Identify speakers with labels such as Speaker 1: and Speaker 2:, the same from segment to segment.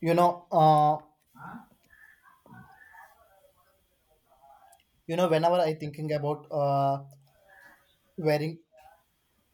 Speaker 1: you know uh, you know, whenever I thinking about wearing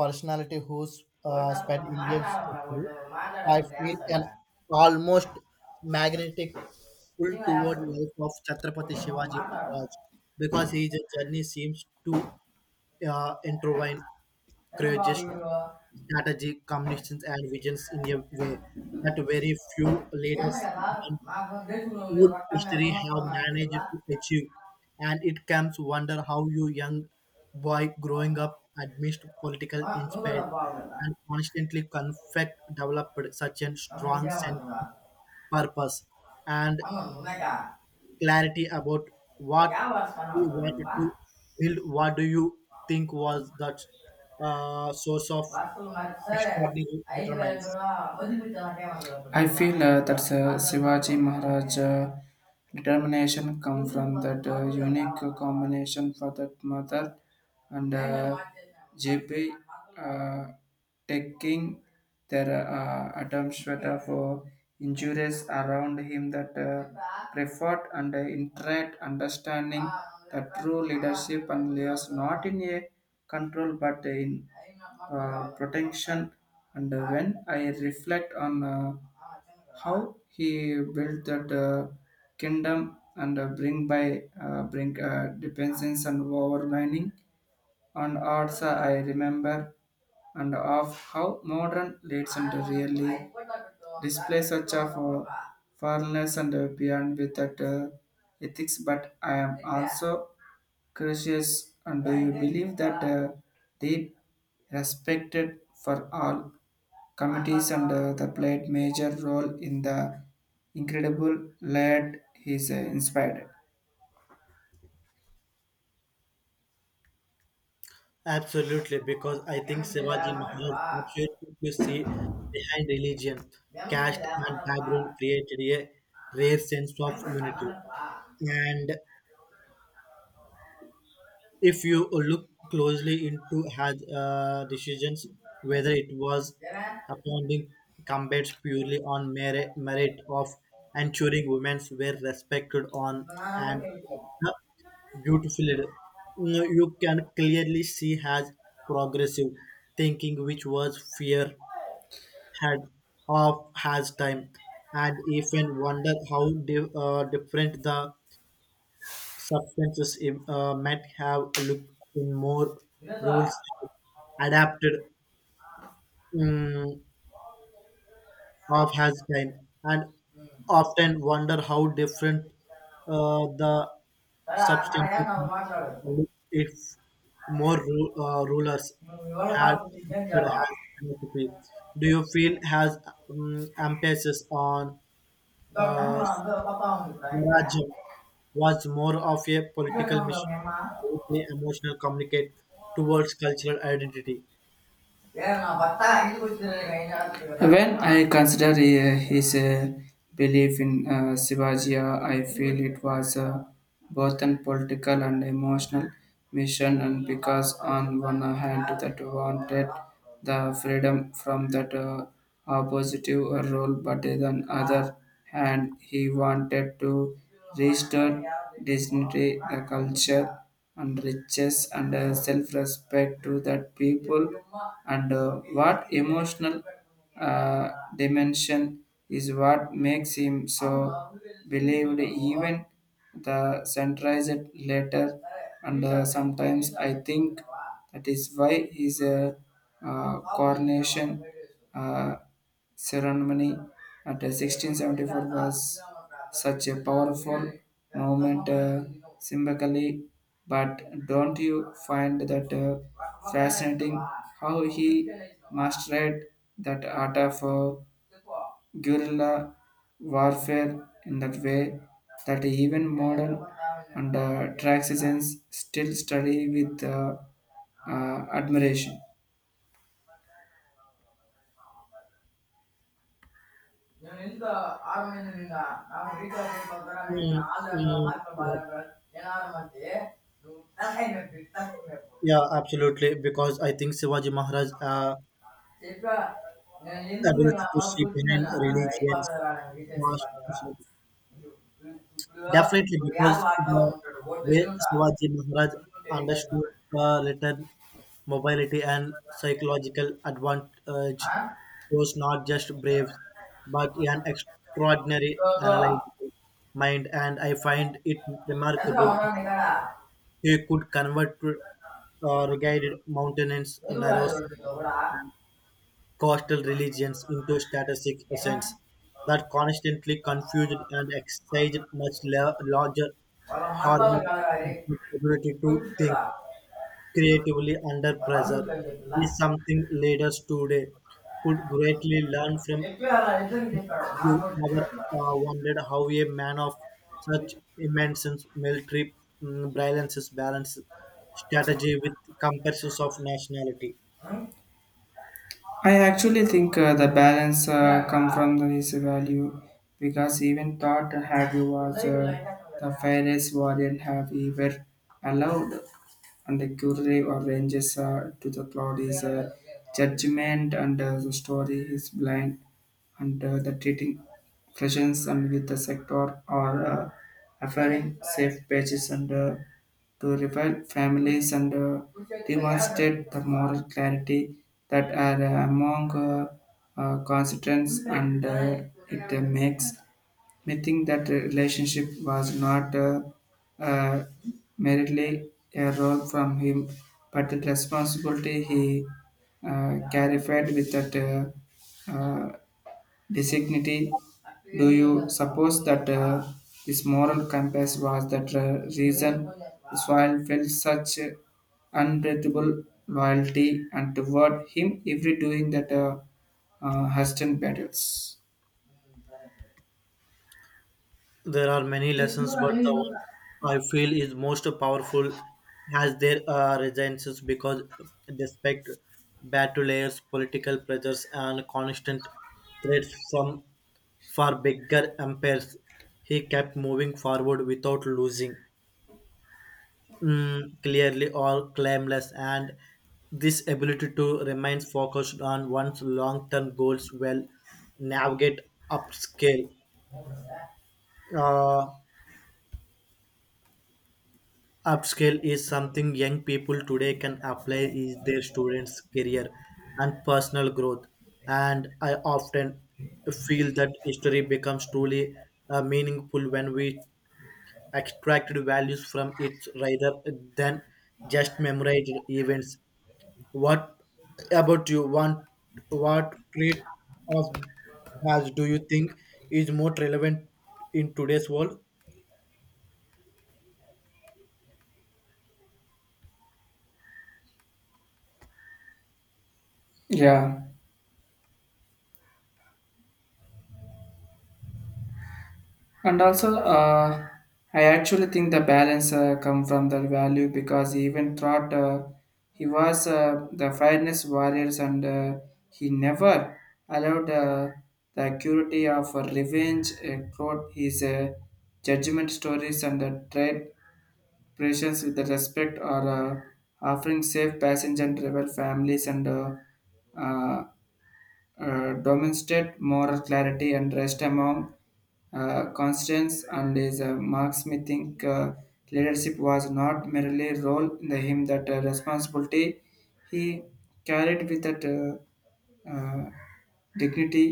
Speaker 1: personality who's
Speaker 2: vote అసలు
Speaker 1: spent
Speaker 2: మనం
Speaker 1: years to
Speaker 2: మాట్లాడమా?
Speaker 1: study,
Speaker 2: vote
Speaker 1: I
Speaker 2: మాట్లాడకుండా
Speaker 1: feel an
Speaker 2: వేస్తాడా?
Speaker 1: almost magnetic pull
Speaker 2: నిజంగా
Speaker 1: toward
Speaker 2: వేస్తాడు.
Speaker 1: life of Chhatrapati
Speaker 2: vote మనం
Speaker 1: Shivaji
Speaker 2: మాట్లాడమా?
Speaker 1: Maharaj because his journey seems to intertwine
Speaker 2: ఎంత బాబు
Speaker 1: courageous
Speaker 2: వీడు.
Speaker 1: strategy combinations and visions in a way that very few
Speaker 2: నీ అన్న
Speaker 1: leaders
Speaker 2: కదా. నాకు దేశంలో ఉండే
Speaker 1: would
Speaker 2: రక్తాన్ని
Speaker 1: history have
Speaker 2: సంవత్సరం అని చెప్పిలా.
Speaker 1: managed to achieve? And it comes wonder how you young boy growing up amidst political
Speaker 2: నువ్వు కూడా
Speaker 1: inspired
Speaker 2: బాగుందా?
Speaker 1: and constantly conflict developed such a
Speaker 2: తమ
Speaker 1: strong sense
Speaker 2: ఇంకేమవుతుందా?
Speaker 1: of purpose and
Speaker 2: అన్న ఉన్నాక
Speaker 1: clarity about what
Speaker 2: ఏ వర్షం
Speaker 1: we
Speaker 2: అవుతాడు?
Speaker 1: wanted to build. What do you think was that source of extraordinary determinants?
Speaker 2: I feel that Shivaji Maharaj determination come from that unique combination for that mother and Ghibli uh, taking their attempts at, for injuries around him that preferred and internet understanding the true leadership and layers not in a control but in protection. And when I reflect on how he built that kingdom and bring by bring dependence and overlining. And also I remember and of how modern leads center really display such of fairness and beyond with that ethics, but I am also curious, and do you believe that they respected for all committees and the played major role in the incredible lead he's inspired.
Speaker 1: Absolutely, because I think Shivaji Maharaj opportunity to see behind religion, caste, and background created a rare sense of unity. And if you look closely into had decisions whether it was
Speaker 2: 奶奶，
Speaker 1: appointing combat purely on merit, merit of ensuring women were respected on
Speaker 2: 我拿什么给
Speaker 1: and
Speaker 2: 你？
Speaker 1: beautifully, leader. Mm, you can clearly see has progressive thinking, which was fear had of has time, and even wonder how different the substances might have looked in more
Speaker 2: 你
Speaker 1: rules
Speaker 2: 说，
Speaker 1: and adapted um, of has time and
Speaker 2: 嗯，
Speaker 1: often wonder how different the
Speaker 2: 咱俩咱俩先
Speaker 1: substances
Speaker 2: 拿我妈说的，
Speaker 1: look if more rulers
Speaker 2: 你我俩
Speaker 1: had
Speaker 2: 拿出去钱交
Speaker 1: adopted
Speaker 2: 了，
Speaker 1: has philosophy. Do you feel has emphasis on
Speaker 2: 那干什
Speaker 1: uh,
Speaker 2: 么？那爸爸妈妈没关系啊？
Speaker 1: Swaraj was more of a
Speaker 2: 这
Speaker 1: political
Speaker 2: 能说
Speaker 1: mission,
Speaker 2: 明吗？
Speaker 1: deeply emotional communicate towards cultural identity.
Speaker 2: When I consider his belief in Shivaji, I feel it was both a political and emotional mission, and because on one hand that wanted the freedom from that oppositive role, but on other hand he wanted to restore dignity, the culture, and riches and self-respect to that people. And what emotional uh, dimension is what makes him so believed even the centralized later. And sometimes I think that is why his coronation uh, ceremony at 1674 was such a powerful moment symbolically. But don't you find that fascinating how he mastered that art of guerrilla warfare in that way that even modern and traxicens still study with admiration?
Speaker 1: Mm, mm, uh, yeah, absolutely. Because I think Shivaji Maharaj
Speaker 2: చెప్పా. నేను ఎందుకు నేను
Speaker 1: ability to
Speaker 2: అమ్మ
Speaker 1: see behind
Speaker 2: కూర్చున్నాను?
Speaker 1: religions
Speaker 2: అయిపోతుందిరా నాకు, recharge
Speaker 1: was
Speaker 2: అయిపోతుందిరా. ఇప్పుడు
Speaker 1: definitely
Speaker 2: app
Speaker 1: because
Speaker 2: వాడతా
Speaker 1: the
Speaker 2: ఉంటాడు. ఓటు వెళ్ళి
Speaker 1: way
Speaker 2: ఉంటా
Speaker 1: Shivaji Maharaj
Speaker 2: ఉంటుంటే రీఛార్జ్ మాట్లాడు.
Speaker 1: understood little mobility and psychological advantage
Speaker 2: ఆ?
Speaker 1: shows not just brave, but an extraordinary
Speaker 2: ఇదో,
Speaker 1: analytical mind, and I find it
Speaker 2: Chandra
Speaker 1: remarkable
Speaker 2: ఉన్నాను ఇక్కడ.
Speaker 1: he could convert rugged mountains,
Speaker 2: ఎందుకు రాలేదు
Speaker 1: narrows,
Speaker 2: వీడితో కూడా?
Speaker 1: and coastal religions into statistic
Speaker 2: ఏనా?
Speaker 1: essence that constantly confused and excited much larger
Speaker 2: వాళ్ళ మార్తాలు
Speaker 1: harmony
Speaker 2: cholera?
Speaker 1: ability to think
Speaker 2: కూర్చుంటాడా?
Speaker 1: creatively under
Speaker 2: వాళ్ళ అల్లుడు
Speaker 1: pressure
Speaker 2: అని చెప్పిలా
Speaker 1: is something leaders today could greatly learn from.
Speaker 2: చెప్పి అలా ఇద్దరికి చెప్పాడు, నాకు
Speaker 1: You
Speaker 2: కూడా
Speaker 1: ever
Speaker 2: చెప్పాడు.
Speaker 1: wondered how a man of such immense military brilliance balanced strategy with comparisons of nationality?
Speaker 2: I actually think the balance come from this value because even thought have you was the fairest variant have ever allowed, and the curative arranges to the plot is judgment, and the story is blind, and the treating questions and with the sector are offering safe pages and to revive families, and demonstrate the moral clarity that are among constituents, and it makes Mything that relationship was not uh, merely a role from him, but the responsibility he clarified with that dignity. Do you suppose that this moral compass was that reason Israel felt such unbreathable loyalty and toward him every doing that Huston battles?
Speaker 1: There are many lessons, but the one I feel is most powerful has their resilience because despite battle layers, political pressures, and constant threats from far bigger empires, he kept moving forward without losing clearly or claimless, and this ability to remain focused on one's long-term goals will navigate upscale. Uh, Upscale is something young people today can apply in their students' career and personal growth. And I often feel that history becomes truly meaningful when we extracted values from it rather than just memorized events. What about you? One, what trait of has do you think is more relevant in today's world?
Speaker 2: Yeah. And also, I actually think the balance come from the value because he even thought he was the fairness warriors, and he never allowed the acuity of revenge, quote, his judgment stories, and the trade pressures with the respect or offering safe passage and rebel families, and uh, demonstrate moral clarity and rest among constants, and his marks may think leadership was not merely a role in the him that responsibility he carried with that uh, dignity.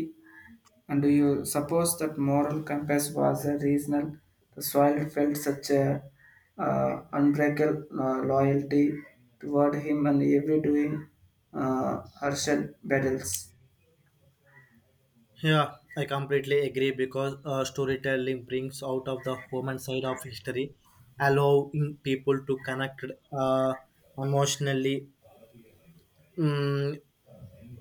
Speaker 2: And do you suppose that moral compass was a reason the soil felt such a unbreakable loyalty toward him and every doing uh, Herschel battles?
Speaker 1: Yeah, I completely agree because storytelling brings out of the human side of history, allowing people to connect uh, emotionally mm,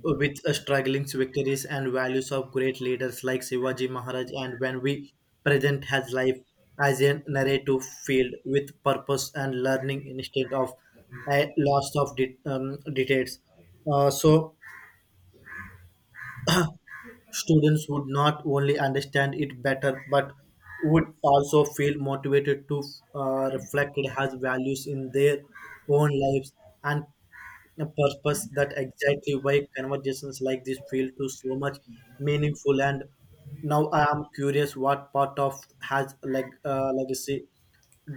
Speaker 1: with struggling victories and values of great leaders like Shivaji Maharaj. And when we present his life as a narrative field with purpose and learning instead of a loss of details, so students would not only understand it better, but would also feel motivated to reflect it has values in their own lives and a purpose that exactly why conversations like this feel to so much meaningful and now I am curious what part of has like legacy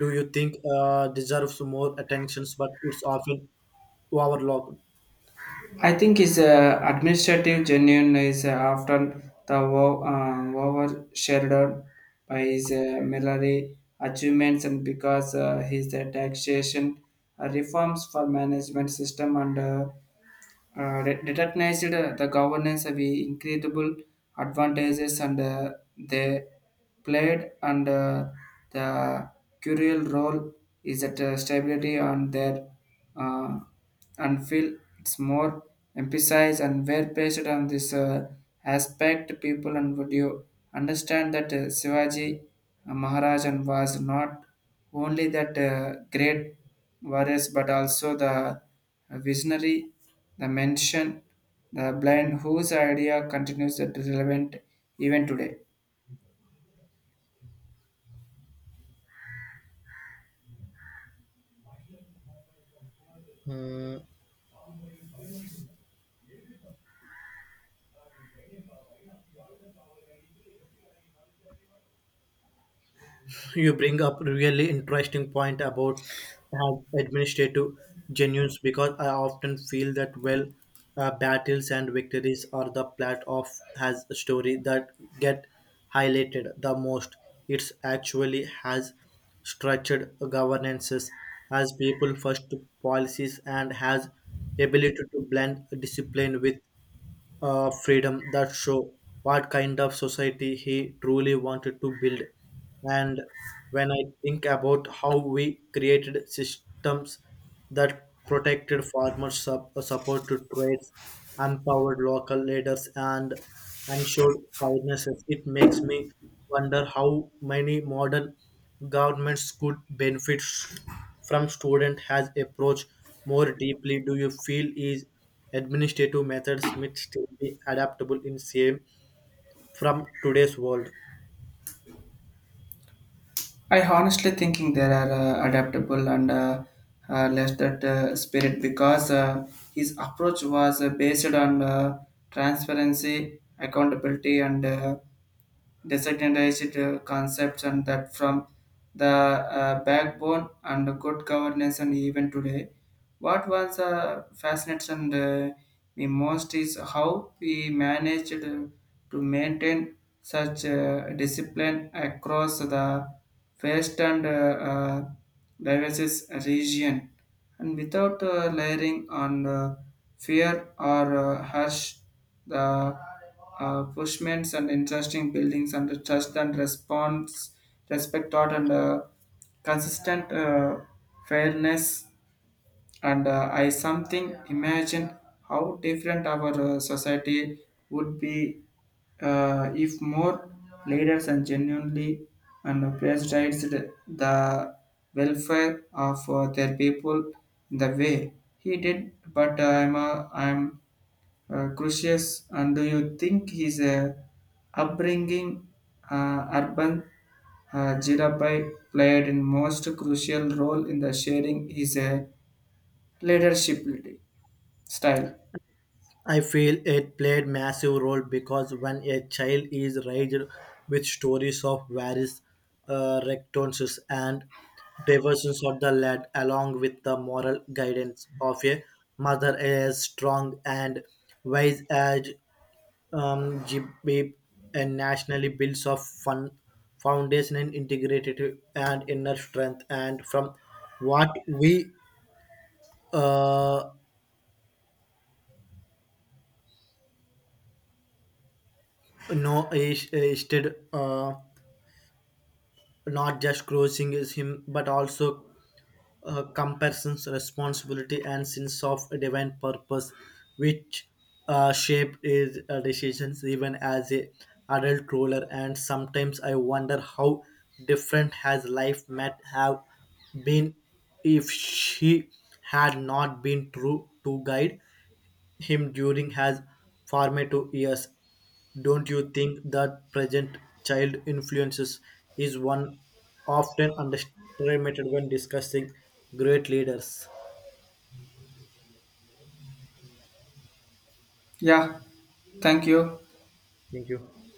Speaker 1: do you think deserves more attentions but it's often overlooked.
Speaker 2: I think is administrative genuine is often overshadowed by his military achievements, and because his taxation reforms for management system, and re- recognized the governance of the incredible advantages and they played, and the crucial role is that stability on their uh, and feel it's more emphasized and were based on this aspect people, and would you understand that Shivaji Maharaj was not only that great warriors but also the visionary, the mention, the blind whose idea continues that relevant even today.
Speaker 1: Hmm, you bring up really interesting point about how administrative genuines because I often feel that well battles and victories are the plot of has a story that get highlighted the most. It's actually has structured governances has people first policies and has ability to blend discipline with freedom that show what kind of society he truly wanted to build. And when I think about how we created systems that protected farmers, supported trades, empowered local leaders, and ensured finances, it makes me wonder how many modern governments could benefit from student has approach more deeply. Do you feel is administrative methods might still be adaptable in same from today's world.
Speaker 2: I honestly thinking there are adaptable and less that spirit because his approach was based on transparency, accountability, and decentralized concepts, and that from the backbone and good governance. And even today what was fascinates and me most is how we managed to maintain such discipline across the vast and diverse region, and without layering on fear or harsh the Bushmans and interesting buildings, and the trust and response, respect taught and consistent fairness. And I something imagine how different our society would be if more leaders and genuinely and prioritized the welfare of their people in the way he did. But I'm crucius, and do you think his upbringing urban Jirabai played in most crucial role in the sharing his leadership style?
Speaker 1: I feel it played massive role because when a child is raised with stories of various rectitudes and diversions of the land, along with the moral guidance of a mother as strong and wise as GBAP and nationally builds of fun foundation and integrated and inner strength. And from what we uh, know is did, not just crushing is him but also comparisons responsibility and sense of divine purpose which shaped his decisions even as a adult ruler and sometimes I wonder how different his life might have been if she had not been true to guide him during his formative years. Don't you think that present child influences is one often underestimated when discussing great leaders?
Speaker 2: Yeah, thank you.
Speaker 1: Thank you.